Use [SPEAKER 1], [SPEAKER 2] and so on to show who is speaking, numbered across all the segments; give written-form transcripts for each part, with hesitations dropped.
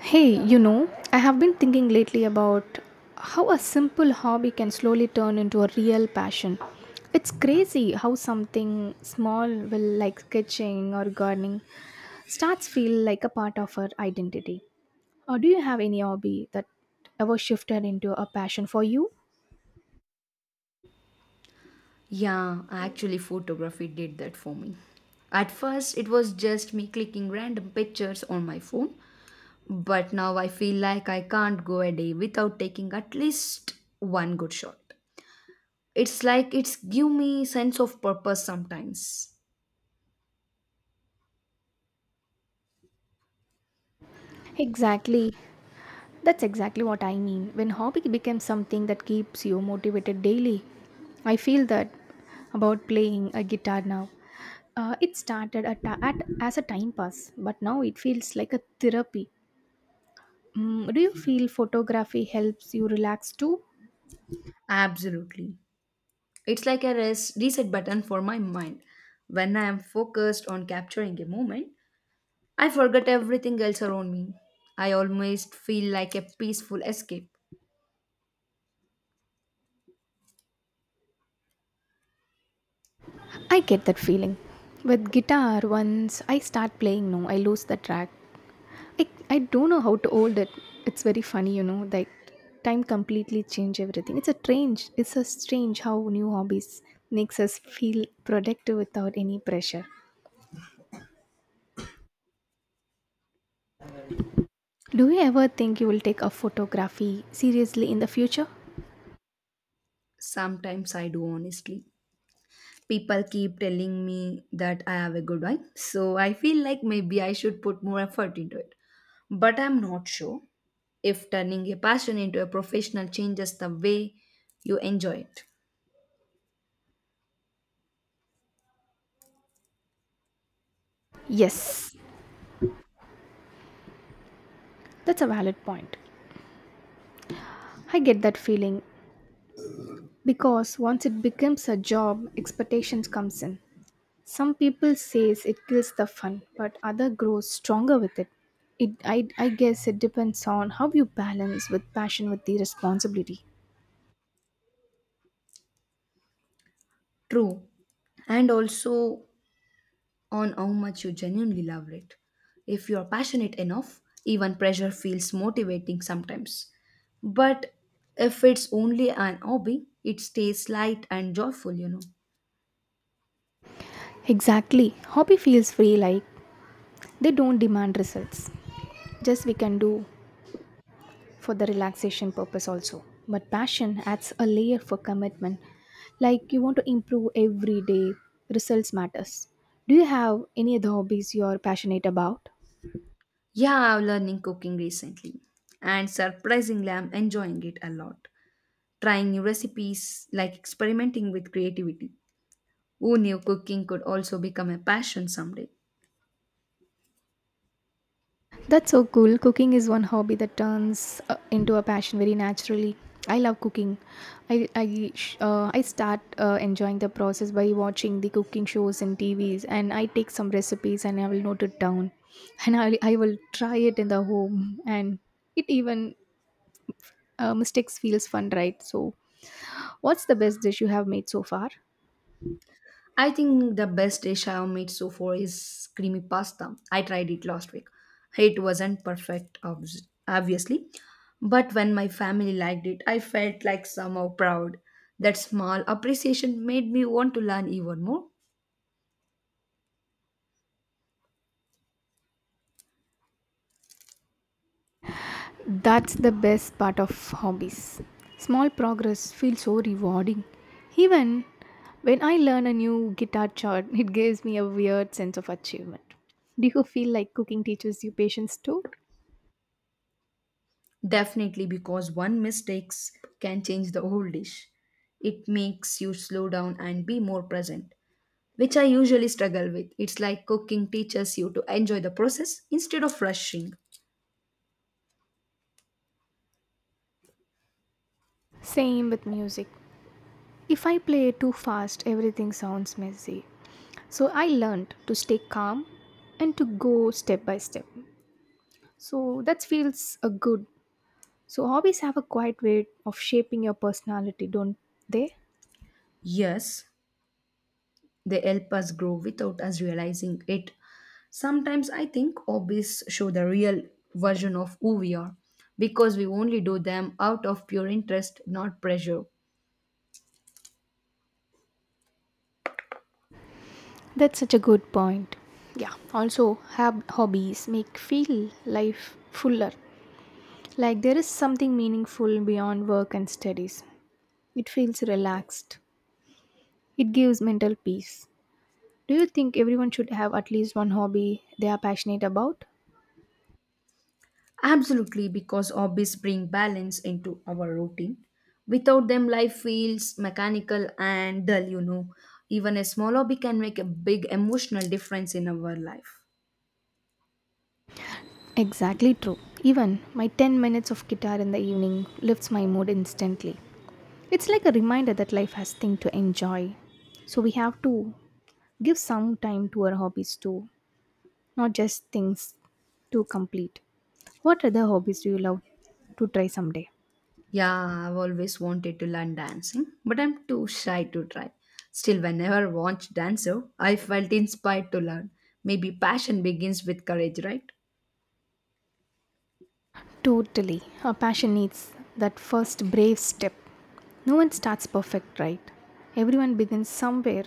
[SPEAKER 1] Hey, you know, I have been thinking lately about how a simple hobby can slowly turn into a real passion. It's crazy how something small will like sketching or gardening starts feel like a part of our identity. Or do you have any hobby that ever shifted into a passion for you?
[SPEAKER 2] Yeah, actually, photography did that for me. At first, it was just me clicking random pictures on my phone, but now I feel like I can't go a day without taking at least one good shot. It's like it's give me sense of purpose sometimes.
[SPEAKER 1] Exactly. That's exactly what I mean. When hobby becomes something that keeps you motivated daily, I feel that about playing a guitar now. It started at as a time pass, but now it feels like a therapy. Mm, do you feel photography helps you relax too?
[SPEAKER 2] Absolutely. It's like a reset button for my mind. When I am focused on capturing a moment, I forget everything else around me. I almost feel like a peaceful escape.
[SPEAKER 1] I get that feeling. With guitar, once I start playing, no, I lose the track. I, I don't know how to old it. It's very funny, like time completely change everything. It's a strange. It's a strange how new hobbies makes us feel productive without any pressure. Do you ever think you will take a photography seriously in the future?
[SPEAKER 2] Sometimes I do, honestly. People keep telling me that I have a good one, so I feel like maybe I should put more effort into it. But I'm not sure if turning a passion into a professional changes the way you enjoy it.
[SPEAKER 1] Yes, that's a valid point. I get that feeling because once it becomes a job, expectations comes in. Some people says it kills the fun, but other grows stronger with it. I guess it depends on how you balance with passion with the responsibility.
[SPEAKER 2] True. And also on how much you genuinely love it. If you are passionate enough, even pressure feels motivating sometimes. But if it's only an hobby, it stays light and joyful,
[SPEAKER 1] Exactly. Hobby feels free like they don't demand results. Just we can do for the relaxation purpose also. But passion adds a layer for commitment. Like you want to improve every day, results matters. Do you have any other hobbies you're passionate about?
[SPEAKER 2] Yeah, I'm learning cooking recently, and surprisingly, I'm enjoying it a lot. Trying new recipes, like experimenting with creativity. Who knew cooking could also become a passion someday?
[SPEAKER 1] That's so cool. Cooking is one hobby that turns into a passion very naturally. I love cooking. I start enjoying the process by watching the cooking shows and TVs, and I take some recipes and I will note it down, and I will try it in the home, and it even mistakes feels fun, right? So, what's the best dish you have made so far?
[SPEAKER 2] I think the best dish I've made so far is creamy pasta. I tried it last week. It wasn't perfect, obviously, but when my family liked it, I felt like somehow proud. That small appreciation made me want to learn even more.
[SPEAKER 1] That's the best part of hobbies. Small progress feels so rewarding. Even when I learn a new guitar chord, it gives me a weird sense of achievement. Do you feel like cooking teaches you patience too?
[SPEAKER 2] Definitely, because one mistakes can change the whole dish. It makes you slow down and be more present, which I usually struggle with. It's like cooking teaches you to enjoy the process instead of rushing.
[SPEAKER 1] Same with music. If I play too fast, everything sounds messy. So I learned to stay calm and to go step by step. So that feels a good. So hobbies have a quiet way of shaping your personality, don't they?
[SPEAKER 2] Yes, they help us grow without us realizing it. Sometimes I think hobbies show the real version of who we are because we only do them out of pure interest, not pressure.
[SPEAKER 1] That's such a good point. Yeah. Also, hobbies make feel life fuller. Like there is something meaningful beyond work and studies. It feels relaxed. It gives mental peace. Do you think everyone should have at least one hobby they are passionate about?
[SPEAKER 2] Absolutely, because hobbies bring balance into our routine. Without them, life feels mechanical and dull, Even a small hobby can make a big emotional difference in our life.
[SPEAKER 1] Exactly true. Even my 10 minutes of guitar in the evening lifts my mood instantly. It's like a reminder that life has things to enjoy. So we have to give some time to our hobbies too, not just things to complete. What other hobbies do you love to try someday?
[SPEAKER 2] Yeah, I've always wanted to learn dancing, but I'm too shy to try. Still, whenever I watched Dancer, I felt inspired to learn. Maybe passion begins with courage, right?
[SPEAKER 1] Totally. Our passion needs that first brave step. No one starts perfect, right? Everyone begins somewhere.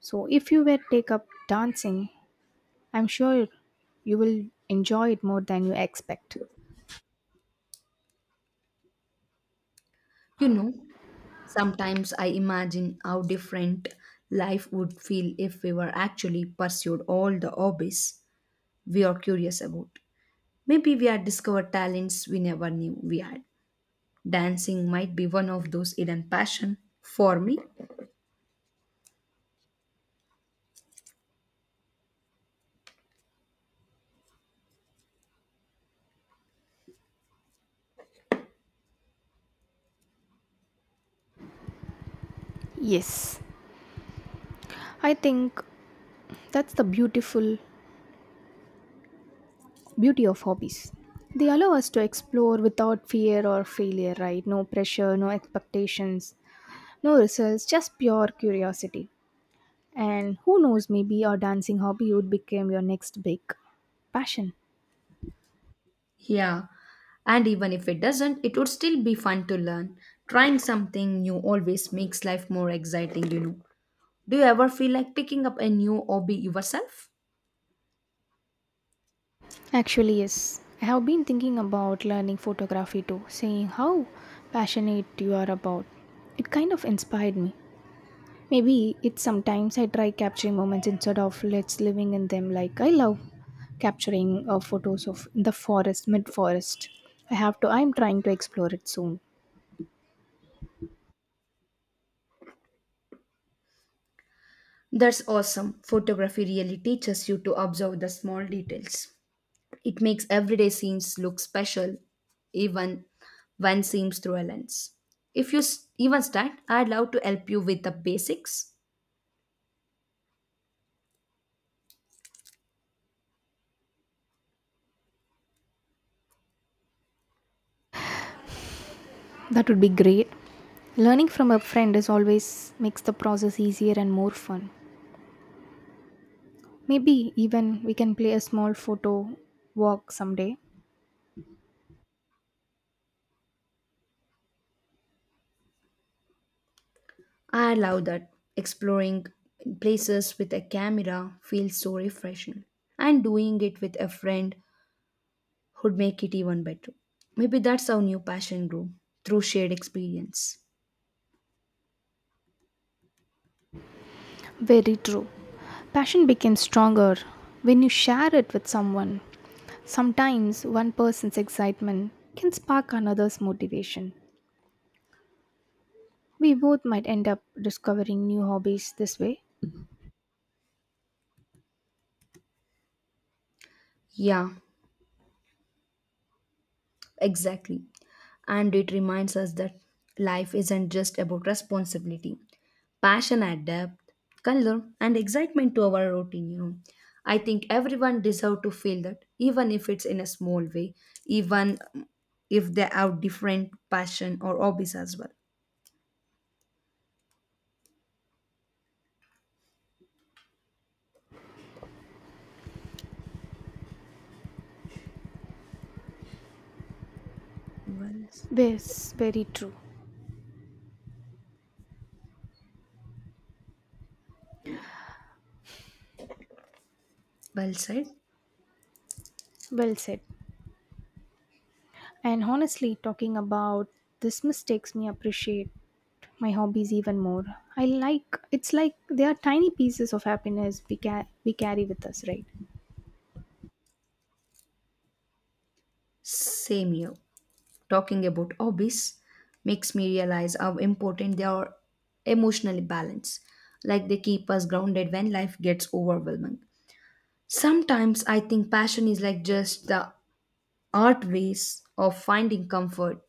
[SPEAKER 1] So if you were to take up dancing, I'm sure you will enjoy it more than you expect.
[SPEAKER 2] You know, sometimes I imagine how different life would feel if we were actually pursued all the hobbies we are curious about. Maybe we had discovered talents we never knew we had. Dancing might be one of those hidden passion for me.
[SPEAKER 1] Yes, I think that's the beautiful beauty of hobbies. They allow us to explore without fear or failure, right? No pressure, no expectations. No results, just pure curiosity. And who knows, maybe your dancing hobby would become your next big passion.
[SPEAKER 2] Yeah. And even if it doesn't, it would still be fun to learn. Trying something new always makes life more exciting. Do you ever feel like picking up a new hobby yourself?
[SPEAKER 1] Actually, yes. I have been thinking about learning photography too, seeing how passionate you are about. It kind of inspired me. Maybe it's sometimes I try capturing moments instead of let's living in them like I love capturing photos of the forest, mid forest. I'm trying to explore it soon.
[SPEAKER 2] That's awesome. Photography really teaches you to observe the small details. It makes everyday scenes look special, even when seen through a lens. If you even start, I'd love to help you with the basics.
[SPEAKER 1] That would be great. Learning from a friend is always makes the process easier and more fun. Maybe even we can play a small photo walk someday.
[SPEAKER 2] I love that exploring places with a camera feels so refreshing, and doing it with a friend would make it even better. Maybe that's our new passion grow through shared experience.
[SPEAKER 1] Very true. Passion becomes stronger when you share it with someone. Sometimes one person's excitement can spark another's motivation. We both might end up discovering new hobbies this way.
[SPEAKER 2] Yeah, exactly. And it reminds us that life isn't just about responsibility. Passion adapt, color, and excitement to our routine. I think everyone deserve to feel that, even if it's in a small way, even if they have different passion or hobbies as well. Well,
[SPEAKER 1] Yes, very true.
[SPEAKER 2] well said.
[SPEAKER 1] Well said. And honestly, talking about this mistakes me appreciate my hobbies even more. I like it's like they are tiny pieces of happiness we carry with us, right?
[SPEAKER 2] Same here. Talking about hobbies makes me realize how important they are emotionally balanced, like they keep us grounded when life gets overwhelming. Sometimes I think passion is like just the art ways of finding comfort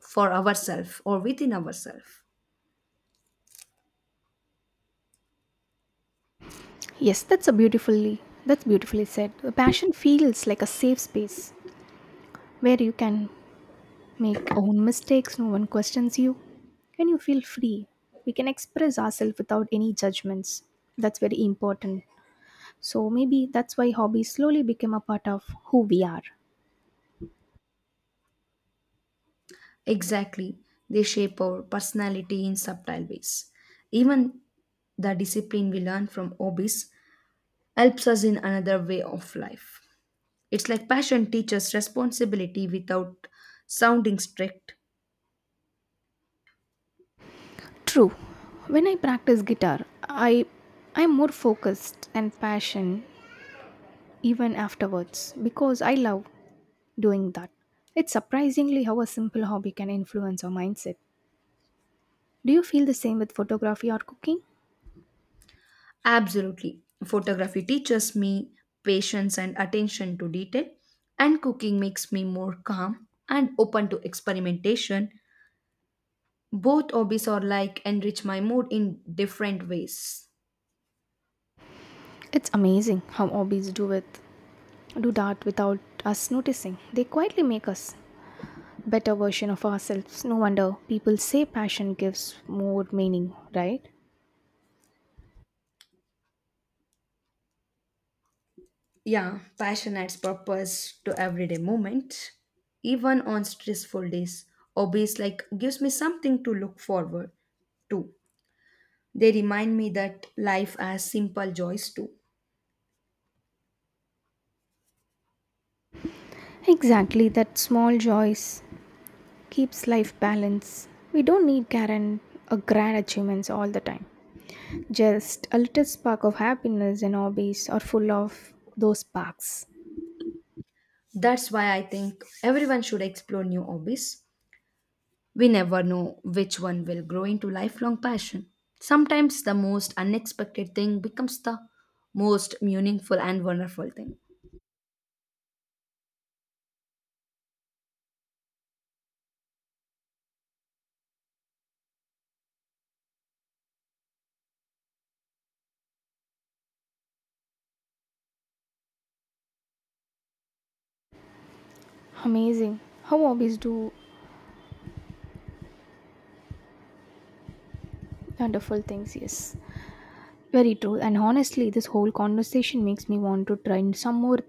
[SPEAKER 2] for ourselves or within ourselves.
[SPEAKER 1] Yes, that's beautifully said. The passion feels like a safe space where you can make own mistakes, no one questions you, and you feel free. We can express ourselves without any judgments. That's very important. So maybe that's why hobbies slowly become a part of who we are.
[SPEAKER 2] Exactly, they shape our personality in subtle ways. Even the discipline we learn from hobbies helps us in another way of life. It's like passion teaches responsibility without sounding strict.
[SPEAKER 1] True. When I practice guitar, I'm more focused and passion even afterwards because I love doing that. It's surprisingly how a simple hobby can influence our mindset. Do you feel the same with photography or cooking?
[SPEAKER 2] Absolutely. Photography teaches me patience and attention to detail, and cooking makes me more calm and open to experimentation. Both hobbies are like enrich my mood in different ways.
[SPEAKER 1] It's amazing how hobbies do with do that without us noticing. They quietly make us better version of ourselves. No wonder people say passion gives more meaning, right?
[SPEAKER 2] Yeah, passion adds purpose to everyday moment. Even on stressful days, hobbies like gives me something to look forward to. They remind me that life has simple joys too.
[SPEAKER 1] Exactly, that small joys keeps life balanced. We don't need grand achievements all the time. Just a little spark of happiness and hobbies are full of those sparks.
[SPEAKER 2] That's why I think everyone should explore new hobbies. We never know which one will grow into lifelong passion. Sometimes the most unexpected thing becomes the most meaningful and wonderful thing.
[SPEAKER 1] Amazing. How hobbies do wonderful things, yes. Very true. And honestly, this whole conversation makes me want to try some more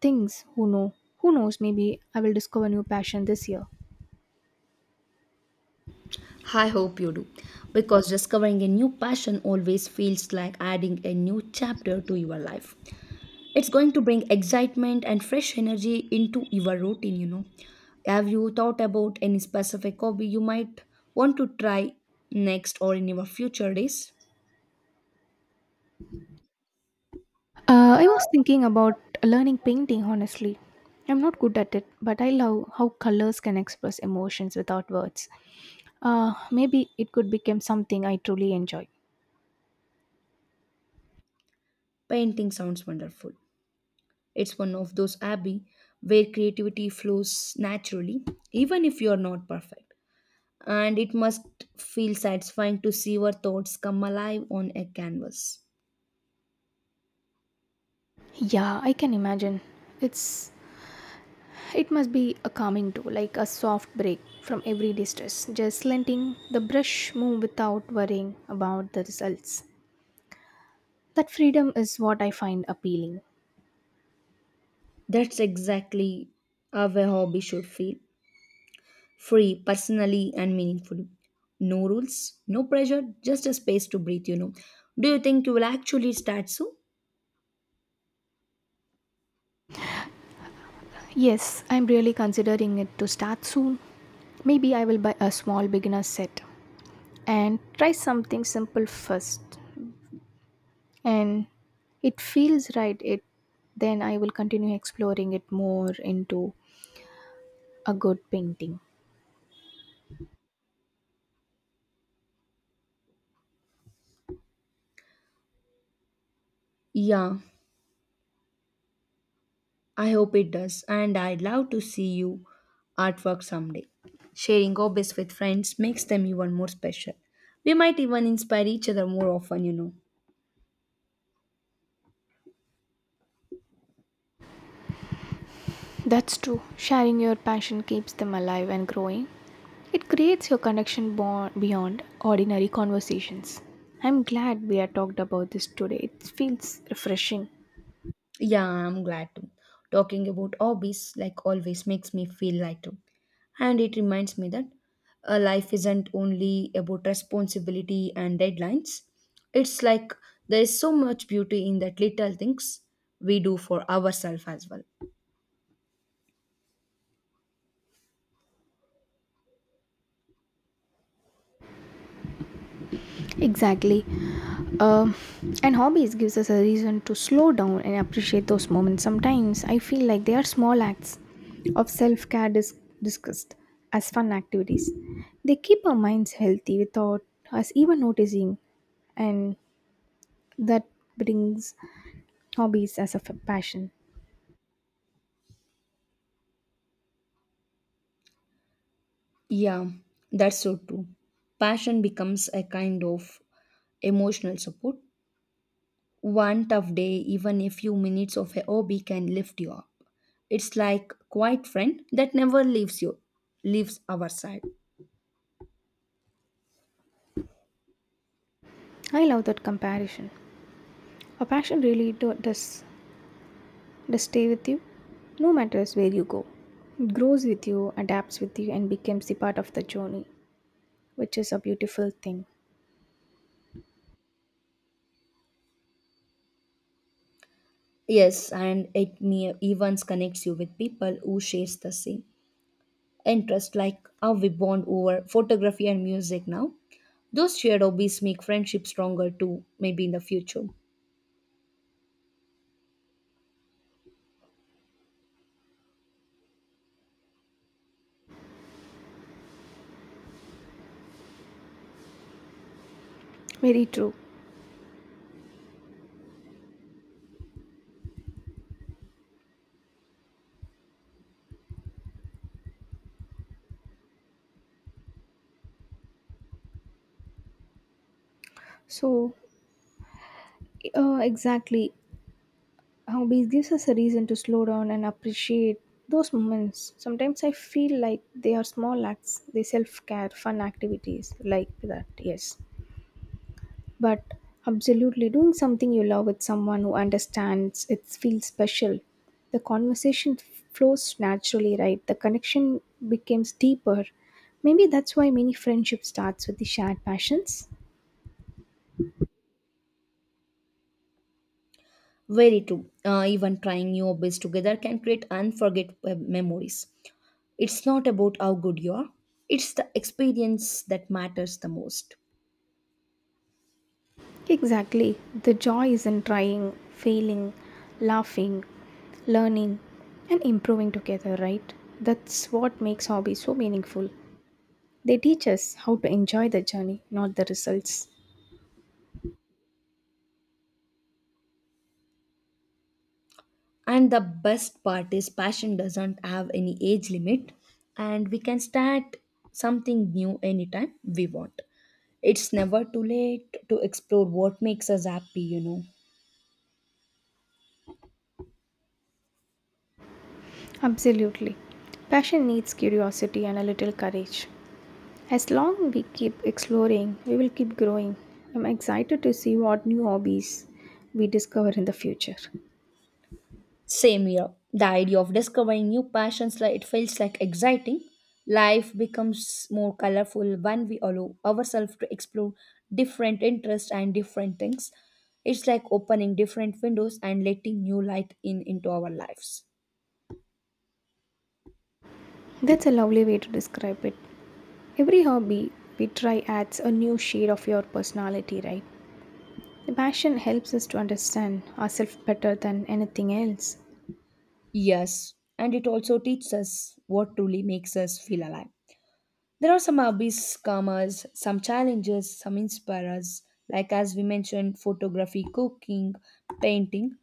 [SPEAKER 1] things. Who knows? Maybe I will discover new passion this year.
[SPEAKER 2] I hope you do, because discovering a new passion always feels like adding a new chapter to your life. It's going to bring excitement and fresh energy into your routine. Have you thought about any specific hobby you might want to try next or in your future days?
[SPEAKER 1] I was thinking about learning painting, honestly. I'm not good at it, but I love how colors can express emotions without words. Maybe it could become something I truly enjoy.
[SPEAKER 2] Painting sounds wonderful. It's one of those hobby where creativity flows naturally, even if you're not perfect. And it must feel satisfying to see your thoughts come alive on a canvas.
[SPEAKER 1] Yeah, I can imagine. It's it must be a calming tool, like a soft break from everyday stress. Just letting the brush move without worrying about the results. That freedom is what I find appealing.
[SPEAKER 2] That's exactly how a hobby should feel. Free personally and meaningfully, no rules, no pressure, just a space to breathe, do you think you will actually start soon?
[SPEAKER 1] Yes, I'm really considering it to start soon. Maybe I will buy a small beginner set and try something simple first, and it feels right, it then I will continue exploring it more into a good painting.
[SPEAKER 2] Yeah, I hope it does, and I'd love to see you artwork someday. Sharing hobbies with friends makes them even more special. We might even inspire each other more often.
[SPEAKER 1] That's true, sharing your passion keeps them alive and growing. It creates your connection bond beyond ordinary conversations. I'm glad we have talked about this today, it feels refreshing.
[SPEAKER 2] Yeah, I'm glad to. Talking about hobbies, like always, makes me feel lighter. And it reminds me that life isn't only about responsibility and deadlines. It's like there's so much beauty in that little things we do for ourselves as well.
[SPEAKER 1] Exactly. Uh, and hobbies gives us a reason to slow down and appreciate those moments. Sometimes I feel like they are small acts of self-care discussed as fun activities. They keep our minds healthy without us even noticing, and that brings hobbies as a passion.
[SPEAKER 2] Yeah, that's so true. Passion becomes a kind of emotional support. One tough day, even a few minutes of a hobby can lift you up. It's like quiet friend that never leaves you, leaves our side.
[SPEAKER 1] I love that comparison. A passion really does stay with you, no matter where you go. It grows with you, adapts with you, and becomes the part of the journey, which is a beautiful thing.
[SPEAKER 2] Yes, and it me even connects you with people who shares the same interest, like how we bond over photography and music now. Those shared hobbies make friendship stronger too, maybe in the future.
[SPEAKER 1] Very true. So, exactly, hobbies gives us a reason to slow down and appreciate those moments. Sometimes I feel like they are small acts, they self care, fun activities like that. Yes, but absolutely doing something you love with someone who understands it feels special. The conversation flows naturally, right? The connection becomes deeper. Maybe that's why many friendship starts with the shared passions.
[SPEAKER 2] Very true. Even trying new hobbies together can create unforgettable memories. It's not about how good you are, it's the experience that matters the most.
[SPEAKER 1] Exactly. The joy is in trying, failing, laughing, learning, and improving together, right? That's what makes hobbies so meaningful. They teach us how to enjoy the journey, not the results.
[SPEAKER 2] And the best part is, passion doesn't have any age limit, and we can start something new anytime we want. It's never too late to explore what makes us happy.
[SPEAKER 1] Absolutely. Passion needs curiosity and a little courage. As long we keep exploring, we will keep growing. I'm excited to see what new hobbies we discover in the future.
[SPEAKER 2] Same here, the idea of discovering new passions, like it feels like exciting. Life becomes more colorful when we allow ourselves to explore different interests and different things. It's like opening different windows and letting new light in into our lives.
[SPEAKER 1] That's a lovely way to describe it. Every hobby we try adds a new shade of your personality, right? The passion helps us to understand ourselves better than anything else.
[SPEAKER 2] Yes, and it also teaches us what truly makes us feel alive. There are some hobbies, commas, some challenges, some inspire like as we mentioned, photography, cooking, painting.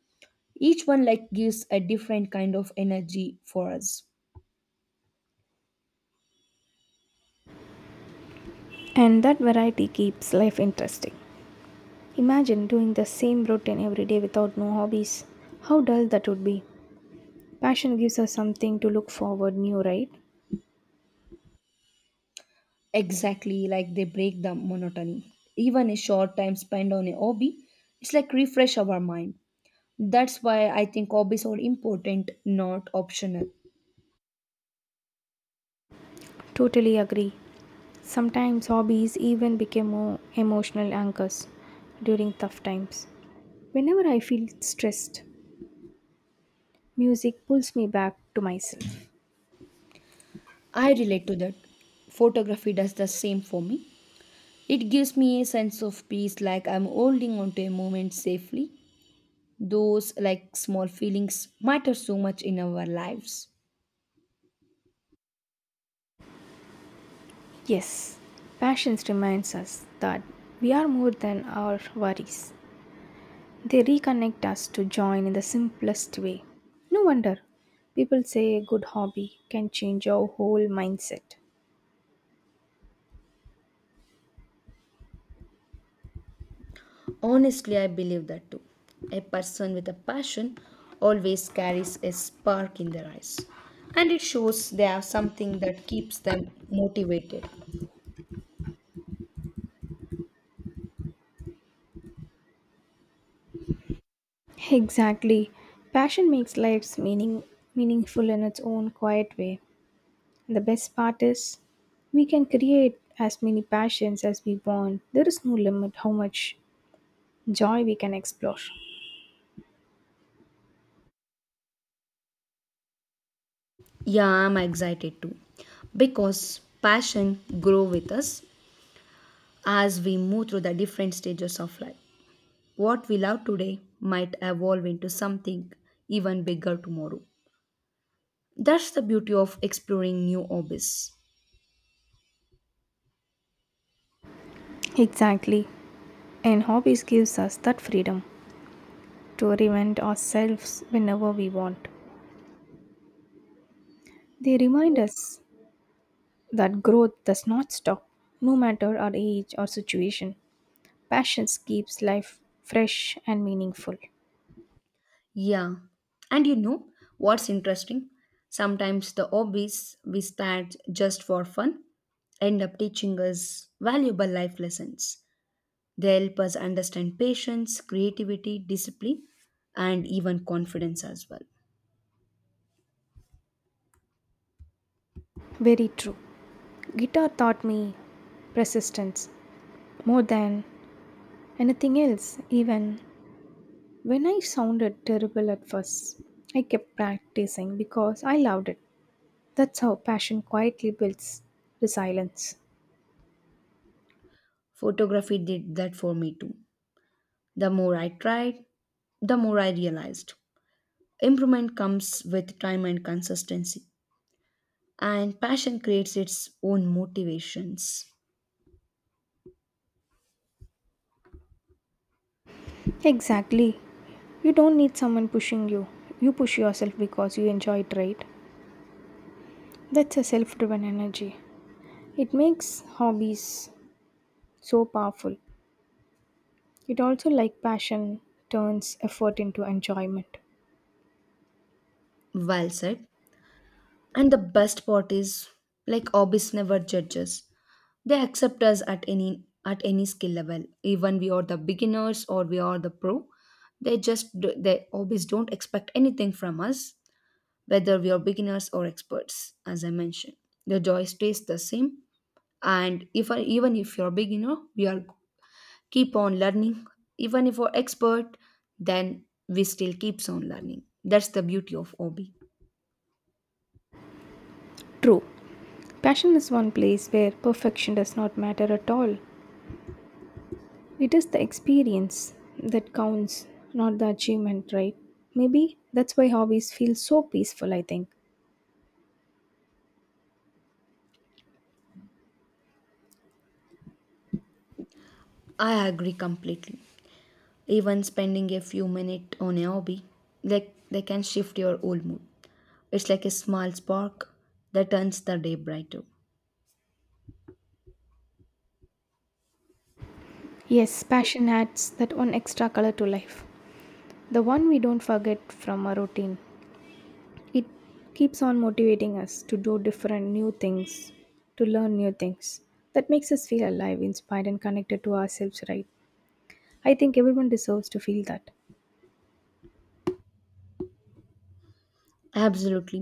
[SPEAKER 2] Each one like gives a different kind of energy for us.
[SPEAKER 1] And that variety keeps life interesting. Imagine doing the same routine every day without no hobbies. How dull that would be. Passion gives us something to look forward new, right?
[SPEAKER 2] Exactly, like they break the monotony. Even a short time spent on a hobby, it's like refresh our mind. That's why I think hobbies are important, not optional.
[SPEAKER 1] Totally agree. Sometimes hobbies even become more emotional anchors during tough times. Whenever I feel stressed, music pulls me back to myself.
[SPEAKER 2] I relate to that. Photography does the same for me. It gives me a sense of peace, like I'm holding on to a moment safely. Those like small feelings matter so much in our lives.
[SPEAKER 1] Yes, passions reminds us that we are more than our worries. They reconnect us to join in the simplest way. No wonder people say a good hobby can change our whole mindset.
[SPEAKER 2] Honestly, I believe that too. A person with a passion always carries a spark in their eyes, and it shows they have something that keeps them motivated.
[SPEAKER 1] Exactly. Passion makes life's meaning meaningful in its own quiet way. And the best part is we can create as many passions as we want. There is no limit how much joy we can explore.
[SPEAKER 2] Yeah, I'm excited too because passion grow with us as we move through the different stages of life. What we love today might evolve into something even bigger tomorrow. That's the beauty of exploring new hobbies.
[SPEAKER 1] Exactly. And hobbies gives us that freedom to reinvent ourselves whenever we want. They remind us that growth does not stop, no matter our age or situation. Passions keeps life fresh and meaningful.
[SPEAKER 2] Yeah, and you know what's interesting? Sometimes the hobbies we start just for fun end up teaching us valuable life lessons. They help us understand patience, creativity, discipline, and even confidence as well.
[SPEAKER 1] Very true. Guitar taught me persistence more than anything else. Even when I sounded terrible at first, I kept practicing because I loved it. That's how passion quietly builds resilience.
[SPEAKER 2] Photography did that for me too. The more I tried, the more I realized improvement comes with time and consistency, and passion creates its own motivations.
[SPEAKER 1] Exactly. You don't need someone pushing you. You push yourself because you enjoy it, right? That's a self driven energy. It makes hobbies so powerful. It also, like passion, turns effort into enjoyment.
[SPEAKER 2] Well said. And the best part is, like hobbies never judges. They accept us at any skill level, even we are the beginners or we are the pro. They hobbies don't expect anything from us, whether we are beginners or experts. As I mentioned, the joy stays the same, and if even if you're a beginner, we are keep on learning, even if we're expert then we still keeps on learning. That's the beauty of hobby.
[SPEAKER 1] True. Passion is one place where perfection does not matter at all. It is the experience that counts, not the achievement, right? Maybe that's why hobbies feel so peaceful, I think.
[SPEAKER 2] I agree completely. Even spending a few minutes on a hobby, like they can shift your whole mood. It's like a small spark that turns the day brighter.
[SPEAKER 1] Yes, passion adds that one extra color to life. The one we don't forget from our routine. It keeps on motivating us to do different new things, to learn new things. That makes us feel alive, inspired, and connected to ourselves, right? I think everyone deserves to feel that.
[SPEAKER 2] Absolutely,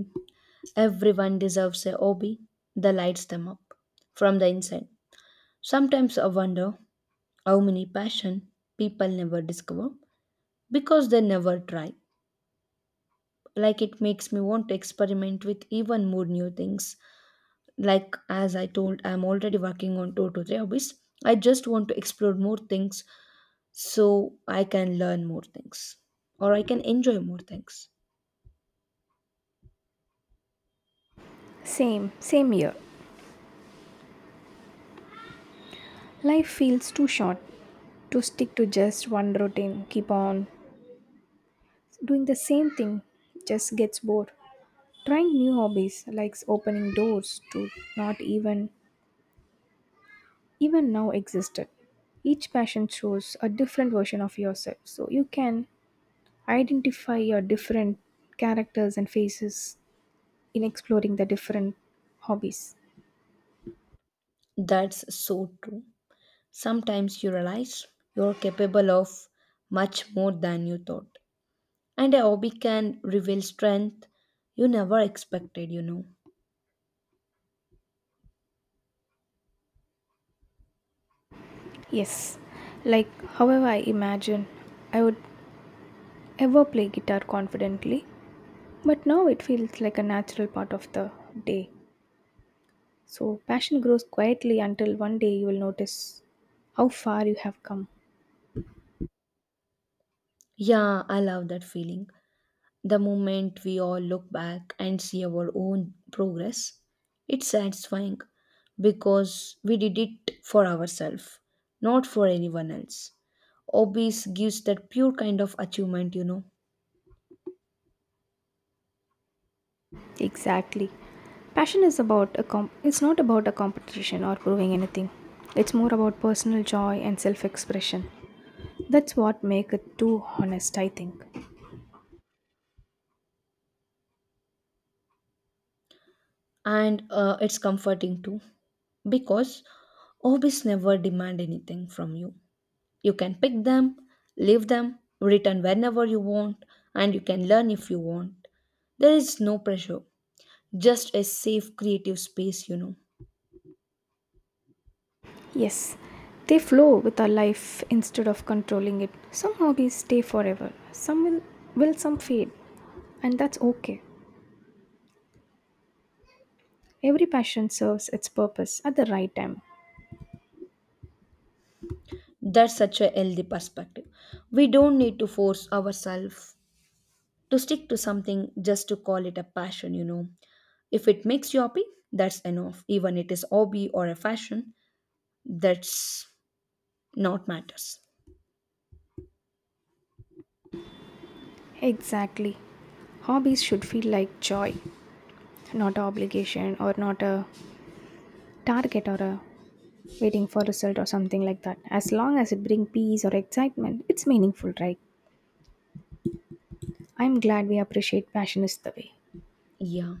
[SPEAKER 2] everyone deserves a hobby that lights them up from the inside. Sometimes I wonder how many passion people never discover because they never try. Like it makes me want to experiment with even more new things, like as I told, I'm already working on two to three hobbies. I just want to explore more things so I can learn more things or I can enjoy more things.
[SPEAKER 1] Same here. Life feels too short to stick to just one routine, keep on doing the same thing, just gets bored. Trying new hobbies, like opening doors to not even even now existed. Each passion shows a different version of yourself, so you can identify your different characters and faces in exploring the different hobbies.
[SPEAKER 2] That's so true. Sometimes you realize you're capable of much more than you thought, and a hobby can reveal strength you never expected,
[SPEAKER 1] Yes, like however I imagine I would ever play guitar confidently, but now it feels like a natural part of the day. So passion grows quietly until one day you will notice how far you have come.
[SPEAKER 2] yeah, I love that feeling. The moment we all look back and see our own progress, it's satisfying because we did it for ourselves, not for anyone else. Hobbies gives that pure kind of achievement,
[SPEAKER 1] Exactly. Passion is about a com- it's not about a competition or proving anything. It's more about personal joy and self-expression. That's what make it too honest, I think.
[SPEAKER 2] and it's comforting too because hobbies never demand anything from you. You can pick them, leave them, return whenever you want, and you can learn if you want. There is no pressure, just a safe creative space,
[SPEAKER 1] Yes, they flow with our life instead of controlling it. Some hobbies stay forever. Some will, some fade, and that's okay. Every passion serves its purpose at the right time.
[SPEAKER 2] That's such a healthy perspective. We don't need to force ourselves to stick to something just to call it a passion, If it makes you happy, that's enough. Even it is hobby or a fashion, that's not matters.
[SPEAKER 1] Exactly. Hobbies should feel like joy, not an obligation or not a target or a waiting for result or something like that, as long as it brings peace or excitement it's meaningful, right? I'm glad we appreciate passion is the way.
[SPEAKER 2] Yeah.